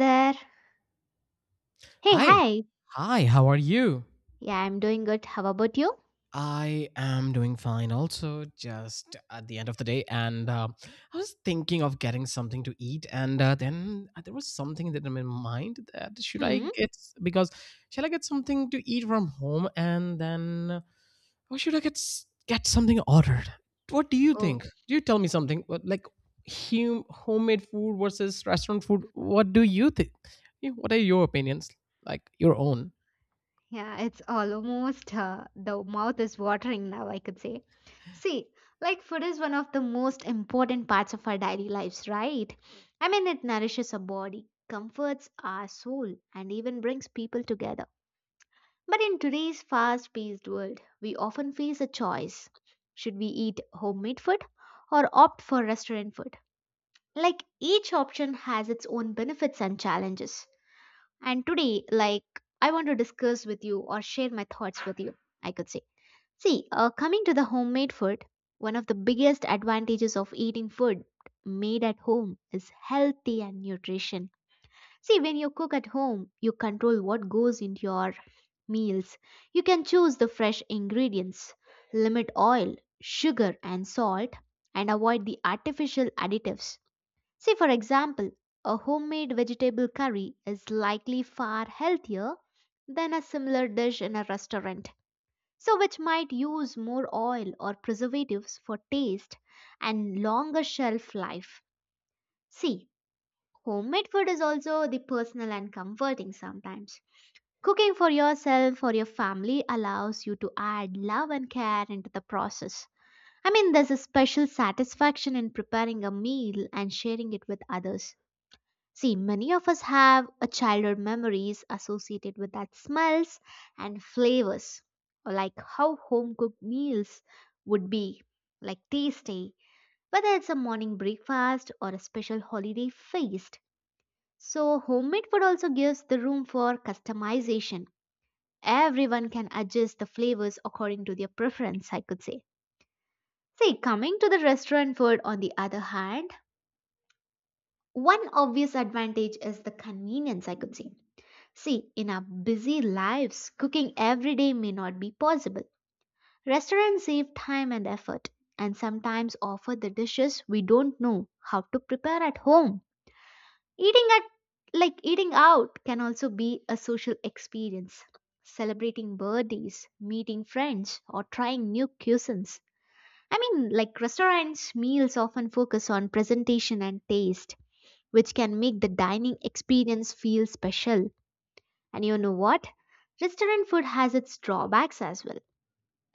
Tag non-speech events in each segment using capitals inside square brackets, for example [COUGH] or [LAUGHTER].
There. Hey, Hi. hi. Hi, how are you? Yeah, I'm doing good. How about you? I am doing fine also, just at the end of the day. And I was thinking of getting something to eat. And then there was something that in my mind that should I Hmm. get, because shall I get something to eat from home? And then or should I get get something ordered? What do you Oh, think? Do you tell me something like homemade food versus restaurant food? What do you think? Yeah, what are your opinions? Like your own? yeah, it's almost the mouth is watering now, I could say. See, like food is one of the most important parts of our daily lives, right? I mean, it nourishes our body, comforts our soul, and even brings people together. But in today's fast paced world, we often face a choice, should we eat homemade food or opt for restaurant food? Like each option has its own benefits and challenges, and today, like, I want to discuss with you or share my thoughts with you, I could say. See, coming to the homemade food, one of the biggest advantages of eating food made at home is healthy and nutrition. See, when you cook at home, you control what goes into your meals. You can choose the fresh ingredients, limit oil, sugar and salt, and avoid the artificial additives. Say, for example, a homemade vegetable curry is likely far healthier than a similar dish in a restaurant, so which might use more oil or preservatives for taste and longer shelf life. See, homemade food is also the personal and comforting sometimes. Cooking for yourself or your family allows you to add love and care into the process. I mean, there's a special satisfaction in preparing a meal and sharing it with others. See, many of us have a childhood memories associated with that smells and flavors, or like how home cooked meals would be, like tasty, whether it's a morning breakfast or a special holiday feast. So, homemade food also gives the room for customization. Everyone can adjust the flavors according to their preference, I could say. See, coming to the restaurant food, on the other hand, one obvious advantage is the convenience, I could say. See, in our busy lives, cooking every day may not be possible. Restaurants save time and effort and sometimes offer the dishes we don't know how to prepare at home. Eating at Like eating out can also be a social experience. Celebrating birthdays, meeting friends, or trying new cuisines. I mean, like restaurants, meals often focus on presentation and taste, which can make the dining experience feel special. And you know what? Restaurant food has its drawbacks as well.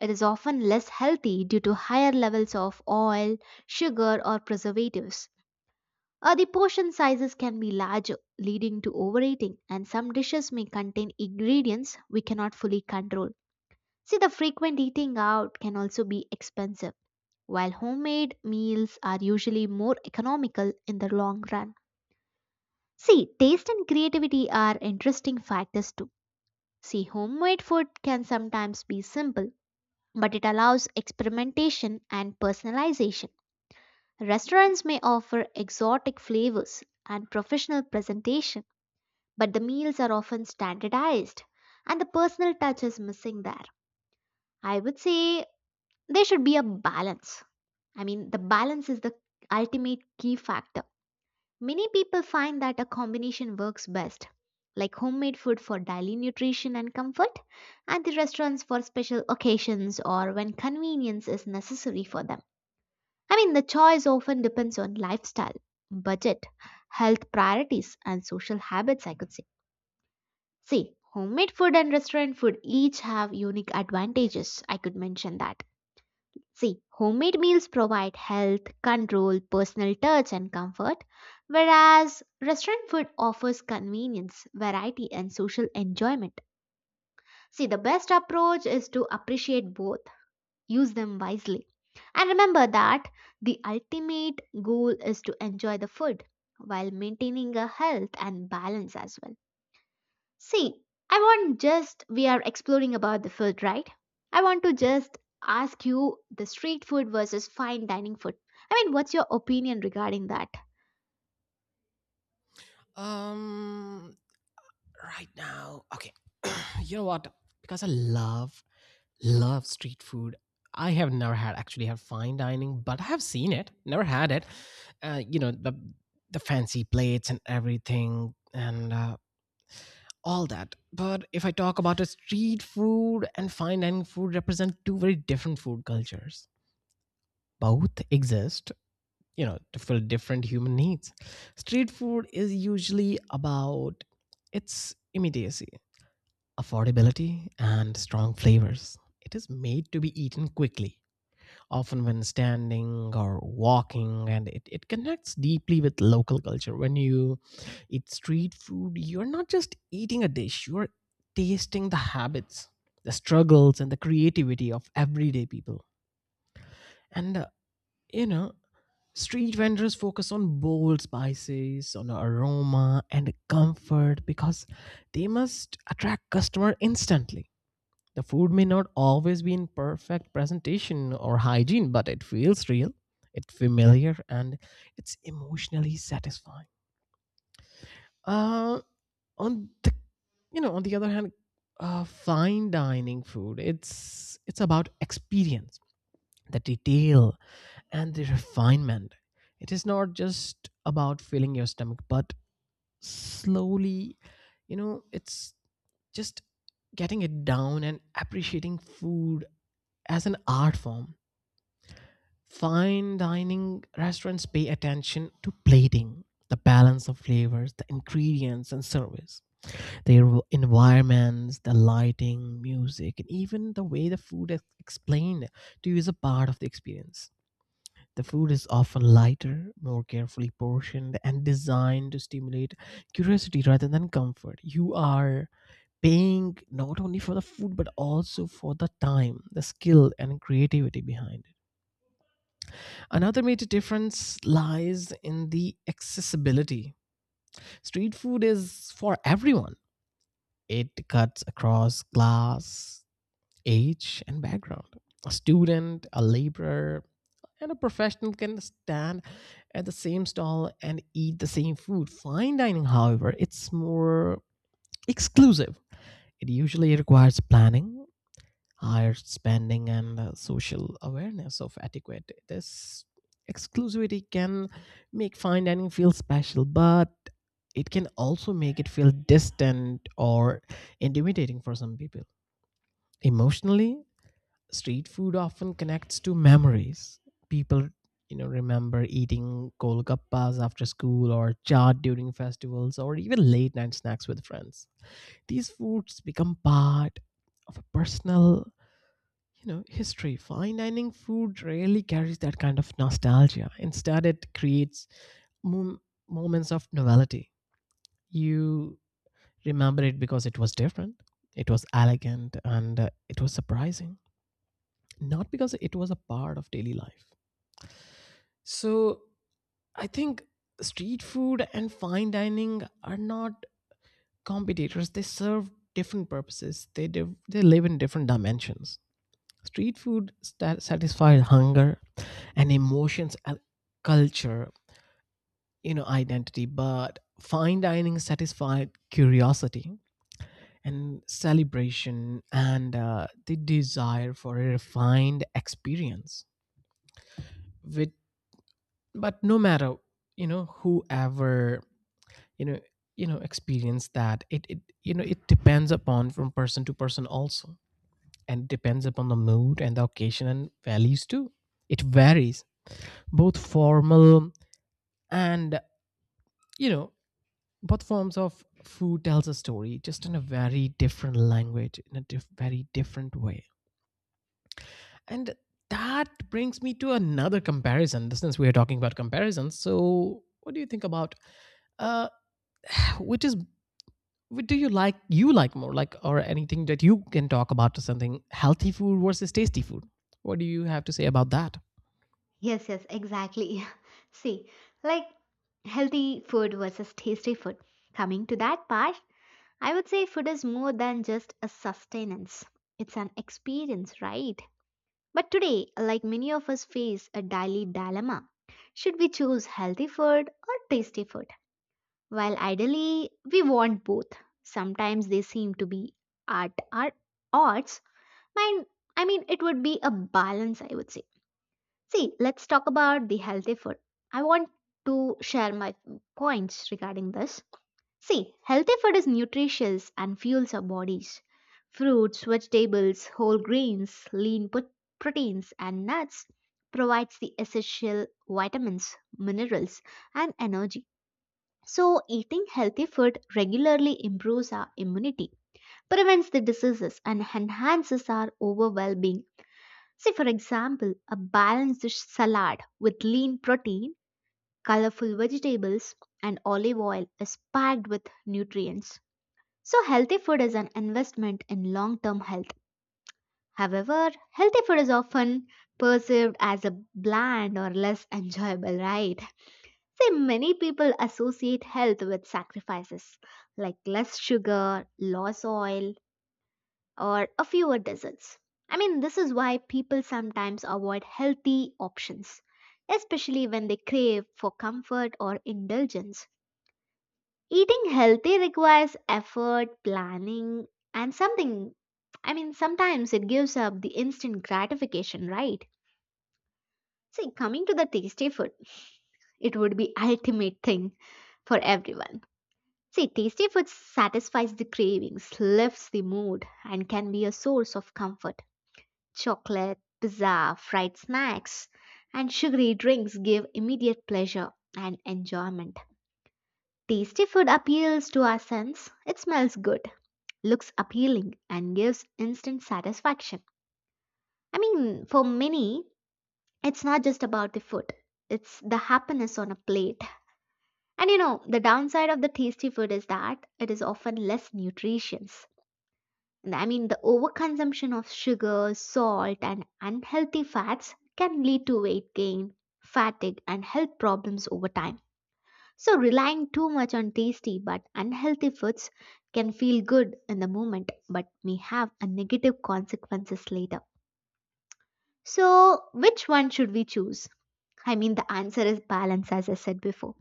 It is often less healthy due to higher levels of oil, sugar, or preservatives. The portion sizes can be larger, leading to overeating, and some dishes may contain ingredients we cannot fully control. See, the frequent eating out can also be expensive, while homemade meals are usually more economical in the long run. See, taste and creativity are interesting factors too. See, homemade food can sometimes be simple, but it allows experimentation and personalization. Restaurants may offer exotic flavors and professional presentation, but the meals are often standardized and the personal touch is missing there. I would say there should be a balance. I mean, the balance is the ultimate key factor. Many people find that a combination works best, like homemade food for daily nutrition and comfort, and the restaurants for special occasions or when convenience is necessary for them. I mean, the choice often depends on lifestyle, budget, health priorities, and social habits, I could say. See, homemade food and restaurant food each have unique advantages, I could mention that. See, homemade meals provide health, control, personal touch, and comfort, whereas restaurant food offers convenience, variety, and social enjoyment. See, the best approach is to appreciate both, use them wisely. And remember that the ultimate goal is to enjoy the food while maintaining a health and balance as well. See, I want, just we are exploring about the food, right? I want to just ask you the street food versus fine dining food. I mean, what's your opinion regarding that? Um, right now, okay. [CLEARS THROAT] You know what, because I love street food. I have never had actually had fine dining, but I have seen it, never had it. You know, the fancy plates and everything. And All that. But if I talk about a street food and fine dining food represent two very different food cultures. Both exist, you know, to fill different human needs. Street food is usually about its immediacy, affordability, and strong flavors. It is made to be eaten quickly, often when standing or walking, and it connects deeply with local culture. When you eat street food, you're not just eating a dish, you're tasting the habits, the struggles, and the creativity of everyday people. And, uh, you know, street vendors focus on bold spices, on aroma, and comfort because they must attract customer instantly. The food may not always be in perfect presentation or hygiene, but it feels real, it's familiar, and it's emotionally satisfying. Uh, on the on the other hand, fine dining food, it's about experience, the detail, and the refinement. It is not just about filling your stomach, but slowly, you know, it's just getting it down and appreciating food as an art form. Fine dining restaurants pay attention to plating, the balance of flavors, the ingredients and service, their environments, the lighting, music, and even the way the food is explained to you is a part of the experience. The food is often lighter, more carefully portioned, and designed to stimulate curiosity rather than comfort. You are paying not only for the food but also for the time, the skill, and creativity behind it. Another major difference lies in the accessibility. Street food is for everyone, it cuts across class, age, and background. A student, a laborer, and a professional can stand at the same stall and eat the same food. Fine dining, however, it's more exclusive. It usually requires planning, higher spending, and social awareness of etiquette. This exclusivity can make fine dining feel special, but it can also make it feel distant or intimidating for some people. Emotionally, street food often connects to memories. People, you know, remember eating golgappas after school, or chaat during festivals, or even late night snacks with friends. These foods become part of a personal, you know, history. Fine dining food rarely carries that kind of nostalgia. Instead, it creates mom- moments of novelty. You remember it because it was different, it was elegant, and it was surprising, not because it was a part of daily life. So, I think street food and fine dining are not competitors, they serve different purposes, they, they live in different dimensions. Street food sta satisfied hunger and emotions and culture, you know, identity, but fine dining satisfied curiosity and celebration and the desire for a refined experience. With but no matter, you know, whoever, you know, you know, experience that, it you know, it depends upon from person to person also, and depends upon the mood and the occasion and values too. It varies. Both formal and you know both forms of food tells a story just in a very different language in a very different way. And that brings me to another comparison. Since we are talking about comparisons, so what do you think about, uh, which is what do you like, you like more, like, or anything that you can talk about to something healthy food versus tasty food? What do you have to say about that? Yes, yes, exactly. [LAUGHS] See, like healthy food versus tasty food. Coming to that part, I would say food is more than just a sustenance. It's an experience, right? But today, like many of us face a daily dilemma. Should we choose healthy food or tasty food? While ideally, we want both. Sometimes they seem to be at our odds. Mine, I mean, it would be a balance, I would say. See, let's talk about the healthy food. I want to share my points regarding this. See, healthy food is nutritious and fuels our bodies. Fruits, vegetables, whole grains, proteins, and nuts provides the essential vitamins, minerals, and energy. So, eating healthy food regularly improves our immunity, prevents the diseases, and enhances our overall well being. See, for example, a balanced salad with lean protein, colorful vegetables, and olive oil is packed with nutrients. So, healthy food is an investment in long term health. However, healthy food is often perceived as a bland or less enjoyable, right? See, many people associate health with sacrifices like less sugar, less oil, or a fewer desserts. I mean, this is why people sometimes avoid healthy options, especially when they crave for comfort or indulgence. Eating healthy requires effort, planning, and something. I mean, sometimes it gives up the instant gratification, right? See, coming to the tasty food, it would be ultimate thing for everyone. See, tasty food satisfies the cravings, lifts the mood, and can be a source of comfort. Chocolate, pizza, fried snacks, and sugary drinks give immediate pleasure and enjoyment. Tasty food appeals to our sense. It smells good, looks appealing, and gives instant satisfaction. I mean, for many, it's not just about the food, it's the happiness on a plate. And you know, the downside of the tasty food is that it is often less nutritious. I mean, the overconsumption of sugar, salt, and unhealthy fats can lead to weight gain, fatigue, and health problems over time. So, relying too much on tasty but unhealthy foods can feel good in the moment but may have a negative consequences later. So, which one should we choose? I mean, the answer is balance, as I said before.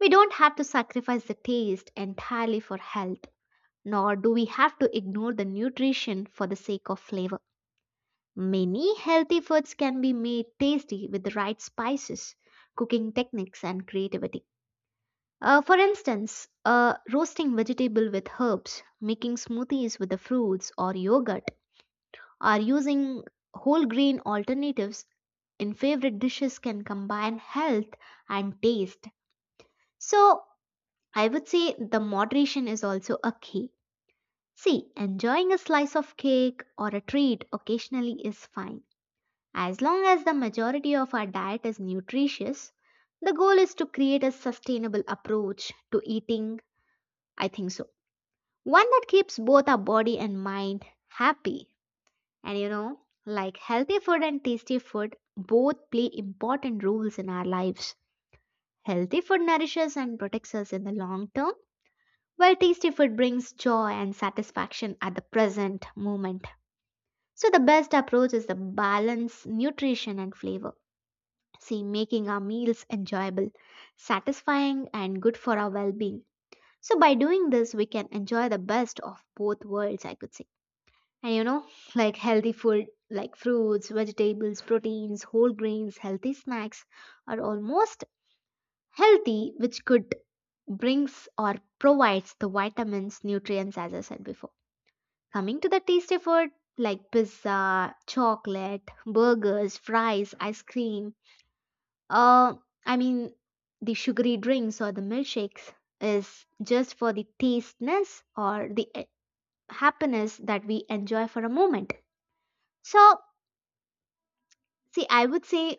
We don't have to sacrifice the taste entirely for health, nor do we have to ignore the nutrition for the sake of flavor. Many healthy foods can be made tasty with the right spices, cooking techniques, and creativity. For instance, roasting vegetable with herbs, making smoothies with the fruits or yogurt, or using whole grain alternatives in favorite dishes can combine health and taste. So, I would say the moderation is also a key. See, enjoying a slice of cake or a treat occasionally is fine. As long as the majority of our diet is nutritious, the goal is to create a sustainable approach to eating, I think so. One that keeps both our body and mind happy. And you know, like healthy food and tasty food both play important roles in our lives. Healthy food nourishes and protects us in the long term, while tasty food brings joy and satisfaction at the present moment. So, the best approach is the balance, nutrition, and flavor. See, making our meals enjoyable, satisfying, and good for our well being. So, by doing this, we can enjoy the best of both worlds, I could say. And you know, like healthy food like fruits, vegetables, proteins, whole grains, healthy snacks are almost healthy, which could brings or provides the vitamins, nutrients, as I said before. Coming to the tasty food like pizza, chocolate, burgers, fries, ice cream, Uh, I mean, the sugary drinks or the milkshakes is just for the tasteness or the happiness that we enjoy for a moment. So, see, I would say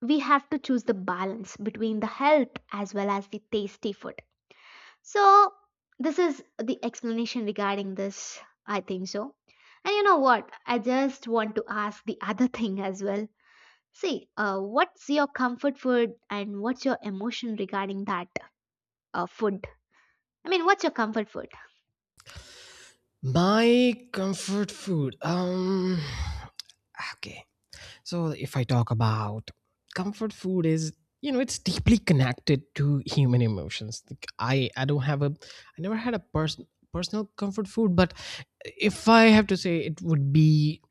we have to choose the balance between the health as well as the tasty food. So, this is the explanation regarding this. I think so. And you know what? I just want to ask the [LAUGHS] other thing as well. See, what's your comfort food and what's your emotion regarding that food? I mean, what's your comfort food? My comfort food, okay. So if I talk about comfort food, is, you know, it's deeply connected to human emotions. Like, I don't have a, I never had a personal comfort food, but if I have to say, it would be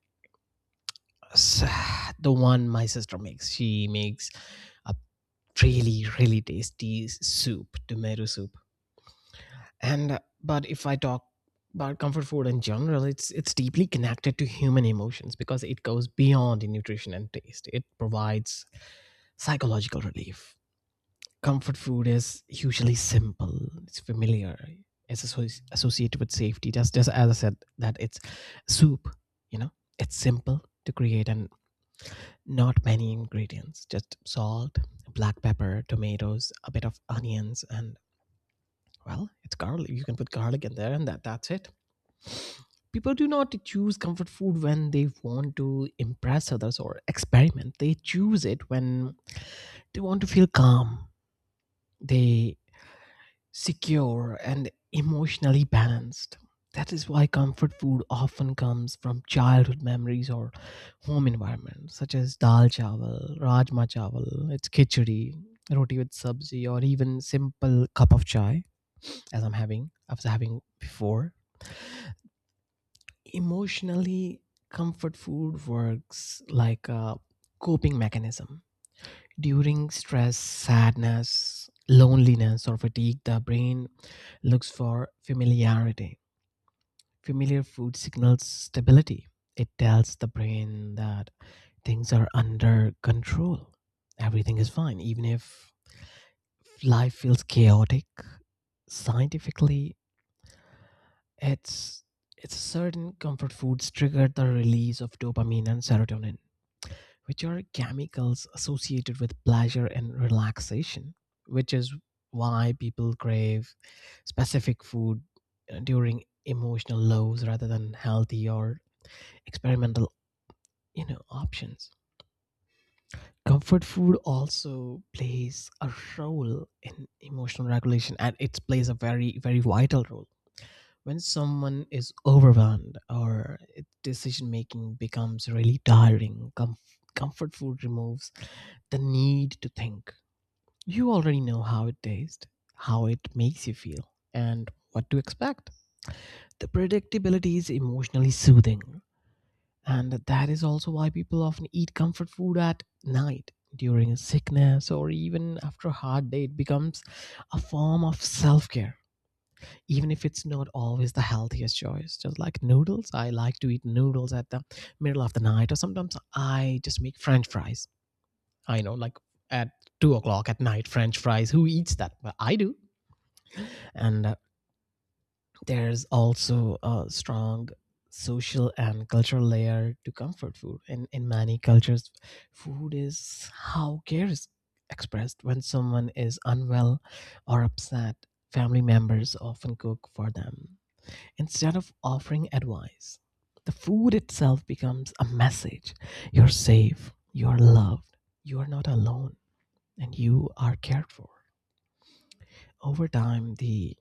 s- the one my sister makes. She makes a really tasty soup, tomato soup. And but if I talk about comfort food in general, it's deeply connected to human emotions because it goes beyond the nutrition and taste. It provides psychological relief. Comfort food is usually simple, it's familiar, it's associated with safety. Just as I said, that it's soup, you know, it's simple to create and not many ingredients, just salt, black pepper, tomatoes, a bit of onions, and well, it's garlic. You can put garlic in there, and that's it. People do not choose comfort food when they want to impress others or experiment. They choose it when they want to feel calm, they secure, and emotionally balanced. That is why comfort food often comes from childhood memories or home environments, such as dal chawal, rajma chawal, its khichdi, roti with sabzi, or even simple cup of chai, as I was having before. Emotionally, comfort food works like a coping mechanism. During stress, sadness, loneliness, or fatigue, the brain looks for familiarity. Familiar food signals stability. It tells the brain that things are under control. Everything is fine, even if life feels chaotic. Scientifically, it's it's certain comfort foods trigger the release of dopamine and serotonin, which are chemicals associated with pleasure and relaxation, which is why people crave specific food during emotional lows rather than healthy or experimental, you know, options. Comfort food also plays a role in emotional regulation, and it plays a very vital role. When someone is overwhelmed or decision making becomes really tiring, comfort food removes the need to think. You already know how it tastes, how it makes you feel, and what to expect. The predictability is emotionally soothing, and that is also why people often eat comfort food at night during a sickness or even after a hard day. It becomes a form of self care, even if it's not always the healthiest choice. Just like noodles, I like to eat noodles at the middle of the night, or sometimes I just make french fries. I know, like, at 2 o'clock at night, french fries. Who eats that? But I do. And There's also a strong social and cultural layer to comfort food. In many cultures, food is how care is expressed. When someone is unwell or upset, family members often cook for them instead of offering advice. The food itself becomes a message: you're safe, you're loved, you are not alone, and you are cared for. Over time, the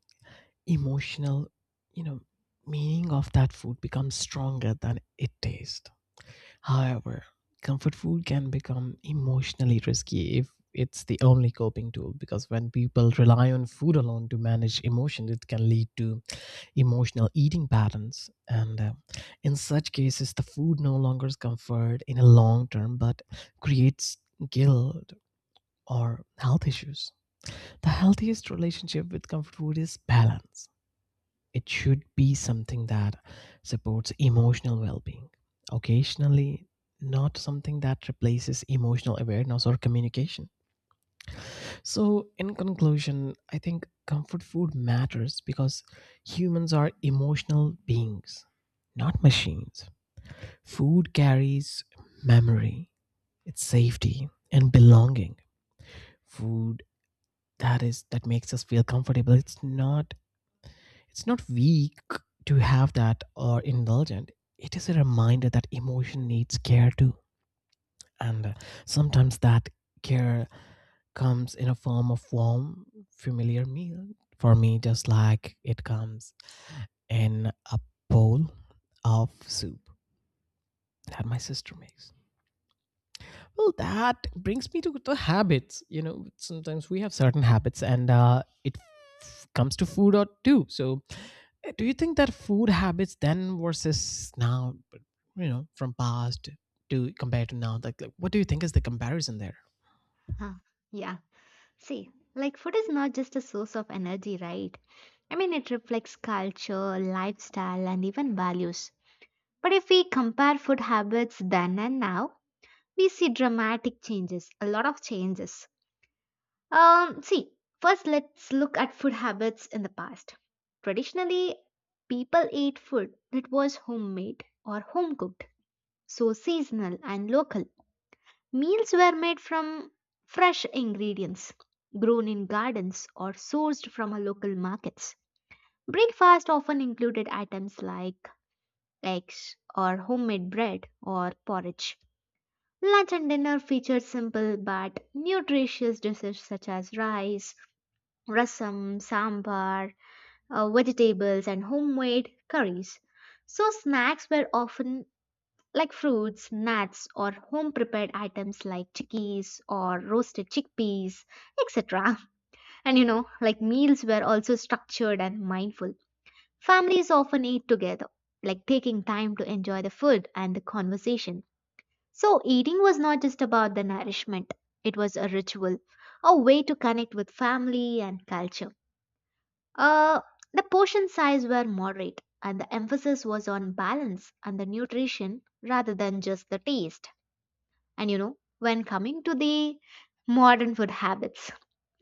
emotional, you know, meaning of that food becomes stronger than it tastes. However, comfort food can become emotionally risky if it's the only coping tool, because when people rely on food alone to manage emotion, it can lead to emotional eating patterns, and in such cases the food no longer is comfort in a long term, but creates guilt or health issues. The healthiest relationship with comfort food is balance. It should be something that supports emotional well being occasionally, not something that replaces emotional awareness or communication. So, in conclusion, I think comfort food matters because humans are emotional beings, not machines. Food carries memory, it's safety and belonging. Food that is, that makes us feel comfortable. It's not weak to have that or indulgent. It is a reminder that emotion needs care too. And Sometimes that care comes in a form of warm, familiar meal for me, just like it comes in a bowl of soup that my sister makes. Well, that brings me to the habits. You know, sometimes we have certain habits, and comes to food or too. So, do you think that food habits then versus now, you know, from past, to compare to now? Like, what do you think is the comparison there? Huh. Yeah. See, like food is not just a source of energy, right? I mean, it reflects culture, lifestyle, and even values. But if we compare food habits then and now, we see dramatic changes, a lot of changes. See, first let's look at food habits in the past. Traditionally, people ate food that was homemade or home cooked, so seasonal and local. Meals were made from fresh ingredients, grown in gardens, or sourced from a local markets. Breakfast often included items like eggs or homemade bread or porridge. Lunch and dinner featured simple but nutritious dishes such as rice, rasam, sambar, vegetables, and homemade curries. So, snacks were often like fruits, nuts, or home prepared items like chickpeas or roasted chickpeas, etc. [LAUGHS] And you know, like meals were also structured and mindful. Families often ate together, like taking time to enjoy the food and the conversation. So, eating was not just about the nourishment, it was a ritual, a way to connect with family and culture. Uh, the portion size were moderate, and the emphasis was on balance and the nutrition rather than just the taste. And you know, when coming to the modern food habits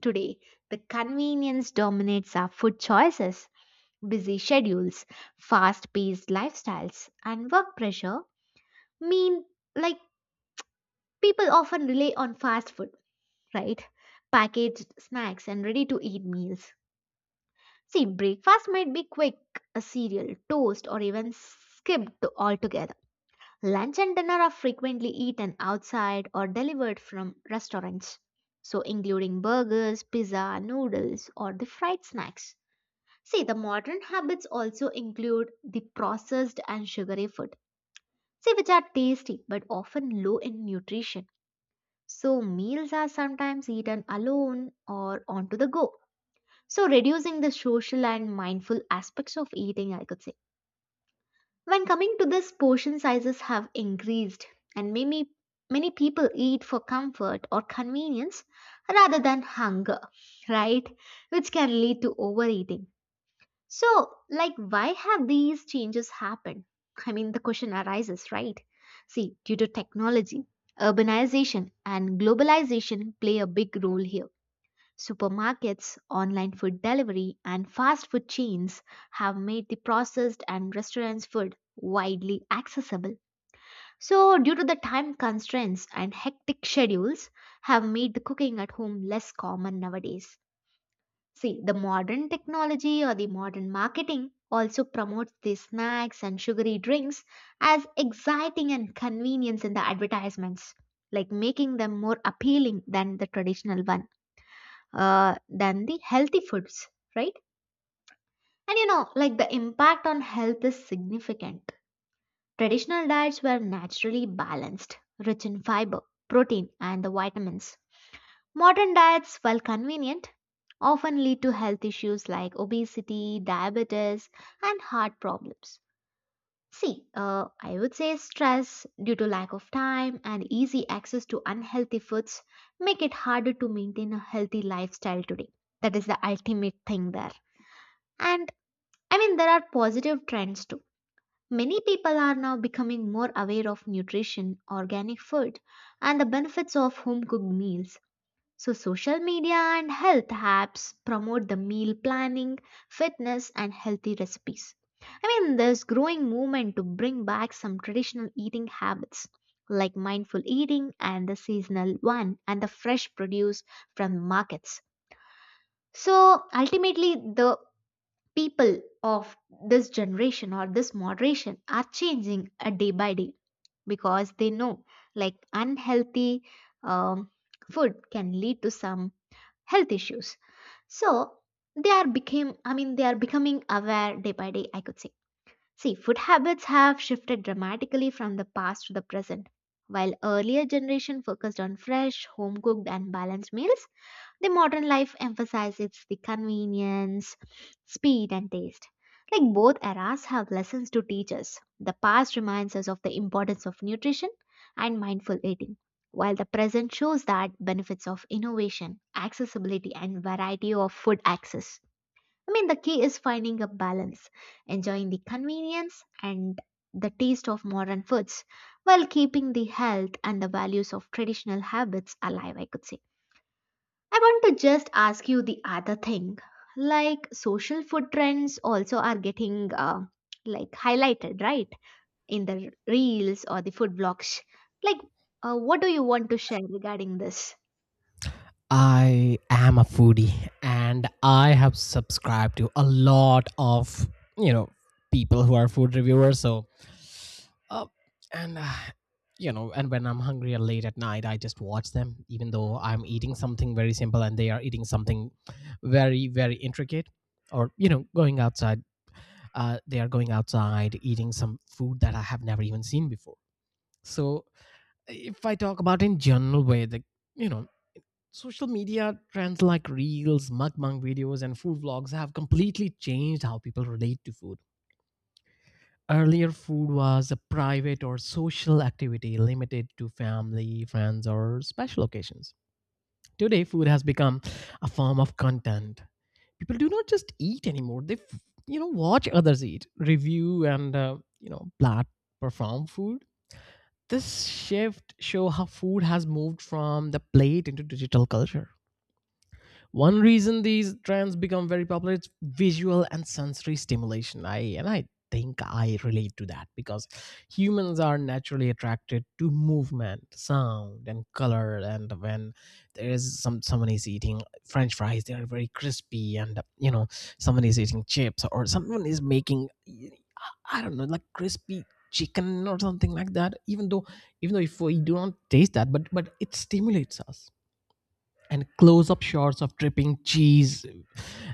today, the convenience dominates our food choices. Busy schedules, fast paced lifestyles, and work pressure mean like people often rely on fast food, right? Packaged snacks and ready to eat meals. See, breakfast might be quick, a cereal, toast, or even skipped altogether. Lunch and dinner are frequently eaten outside or delivered from restaurants, so including burgers, pizza, noodles, or the fried snacks. See, the modern habits also include the processed and sugary food, see, which are tasty but often low in nutrition. So, meals are sometimes eaten alone or onto the go. So, reducing the social and mindful aspects of eating, I could say. When coming to this, portion sizes have increased, and many people eat for comfort or convenience rather than hunger, right? Which can lead to overeating. So, like, why have these changes happened? I mean, the question arises, right? See, due to technology, urbanization, and globalization play a big role here. Supermarkets, online food delivery, and fast food chains have made the processed and restaurants food widely accessible. So, due to the time constraints and hectic schedules, have made the cooking at home less common nowadays. See, the modern technology or the modern marketing also promotes the snacks and sugary drinks as exciting and convenience in the advertisements, like making them more appealing than the traditional one than the healthy foods, right? And you know, like the impact on health is significant. Traditional diets were naturally balanced, rich in fiber, protein, and the vitamins. Modern diets, while convenient, often lead to health issues like obesity, diabetes, and heart problems. See, I would say stress due to lack of time and easy access to unhealthy foods make it harder to maintain a healthy lifestyle today. That is the ultimate thing there. And I mean, there are positive trends too. Many people are now becoming more aware of nutrition, organic food, and the benefits of home cooked meals. So, social media and health apps promote the meal planning, fitness, and healthy recipes. I mean, there's growing movement to bring back some traditional eating habits like mindful eating and the seasonal one and the fresh produce from markets. So ultimately, the people of this generation or this moderation are changing day by day because they know like unhealthy um, food can lead to some health issues, so they are became I mean they are becoming aware day by day, I could say. See, food habits have shifted dramatically from the past to the present. While earlier generation focused on fresh home cooked and balanced meals, the modern life emphasizes the convenience, speed, and taste. Like both eras have lessons to teach us. The past reminds us of the importance of nutrition and mindful eating, while the present shows that benefits of innovation, accessibility, and variety of food access. I mean, the key is finding a balance, enjoying the convenience and the taste of modern foods while keeping the health and the values of traditional habits alive, I could say. I want to just ask you the other thing. Like social food trends also are getting like highlighted, right? In the reels or the food blogs. Like, what do you want to share regarding this? I am a foodie and I have subscribed to a lot of, you know, people who are food reviewers. So Uh, and You know, and when I'm hungry or late at night, I just watch them, even though I'm eating something very simple and they are eating something very intricate. Or you know, going outside, they are going outside eating some food that I have never even seen before. So, if I talk about in general way, the, you know, social media trends like reels, mukbang videos, and food vlogs have completely changed how people relate to food. Earlier, food was a private or social activity limited to family, friends, or special occasions. Today, food has become a form of content. People do not just eat anymore; they watch others eat, review, and you know, plat perform food. This shift show how food has moved from the plate into digital culture. One reason these trends become very popular is visual and sensory stimulation. I think I relate to that because humans are naturally attracted to movement, sound, and color. And when there is someone is eating French fries, they are very crispy, and you know someone is eating chips or someone is making I don't know like crispy chicken or something like that even though if we do not taste that but it stimulates us, and close up shots of dripping cheese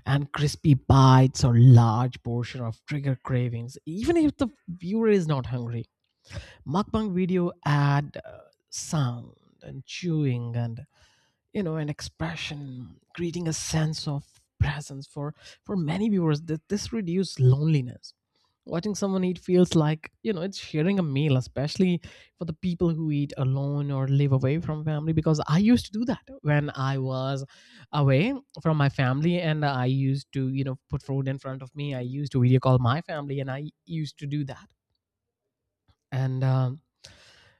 and crispy bites or large portion of trigger cravings even if the viewer is not hungry. Mukbang video add sound and chewing and you know an expression, creating a sense of presence for many viewers that this reduces loneliness. Watching someone eat feels like you know it's sharing a meal, especially for the people who eat alone or live away from family, because I used to do that when I was away from my family, and I used to you know put food in front of me, I used to video call my family and I used to do that. And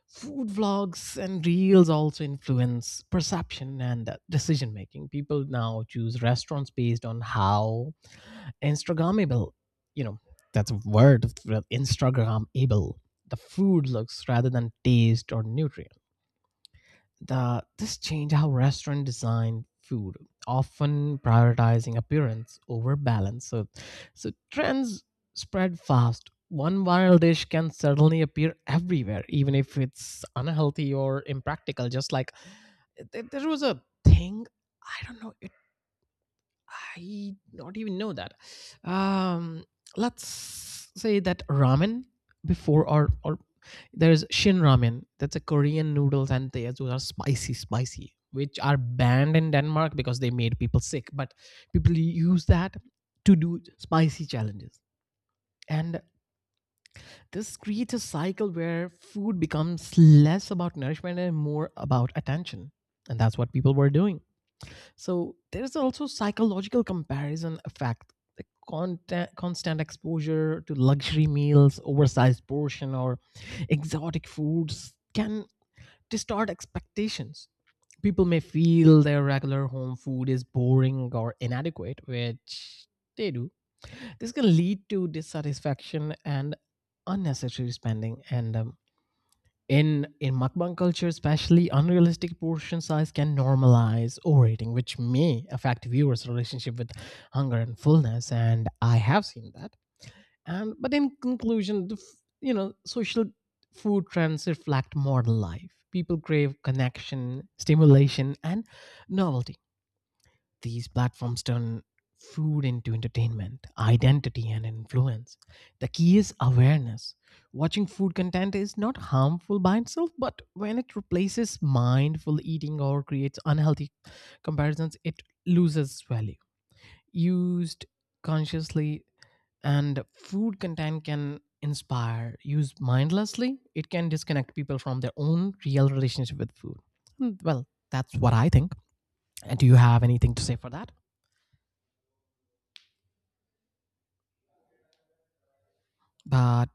Food vlogs and reels also influence perception and decision making. People now choose restaurants based on how instagrammable, you know, that's a word, instagramable, the food looks rather than taste or nutrients. This changed how restaurant designed food, often prioritizing appearance over balance. So trends spread fast. One viral dish can suddenly appear everywhere, even if it's unhealthy or impractical. Just like there was a thing, I don't know, I don't even know that. Um, let's say that ramen before, or there's shin ramen. That's a Korean noodles and they those are spicy, spicy, which are banned in Denmark because they made people sick. But people use that to do spicy challenges. And this creates a cycle where food becomes less about nourishment and more about attention. And that's what people were doing. So there is also psychological comparison effect. The content, constant exposure to luxury meals, oversized portion, or exotic foods can distort expectations. People may feel their regular home food is boring or inadequate, which they do. This can lead to dissatisfaction and unnecessary spending. And In mukbang culture, especially unrealistic portion size can normalize overeating, which may affect viewers relationship with hunger and fullness, and I have seen that. And But in conclusion, the, f- you know social food trends reflect modern life. People crave connection, stimulation, and novelty. These platforms turn food into entertainment, identity, and influence. The key is awareness. Watching food content is not harmful by itself, but when it replaces mindful eating or creates unhealthy comparisons, it loses value. Used consciously, and food content can inspire. Used mindlessly, it can disconnect people from their own real relationship with food. Mm, well, that's what I think. And do you have anything to say for that? But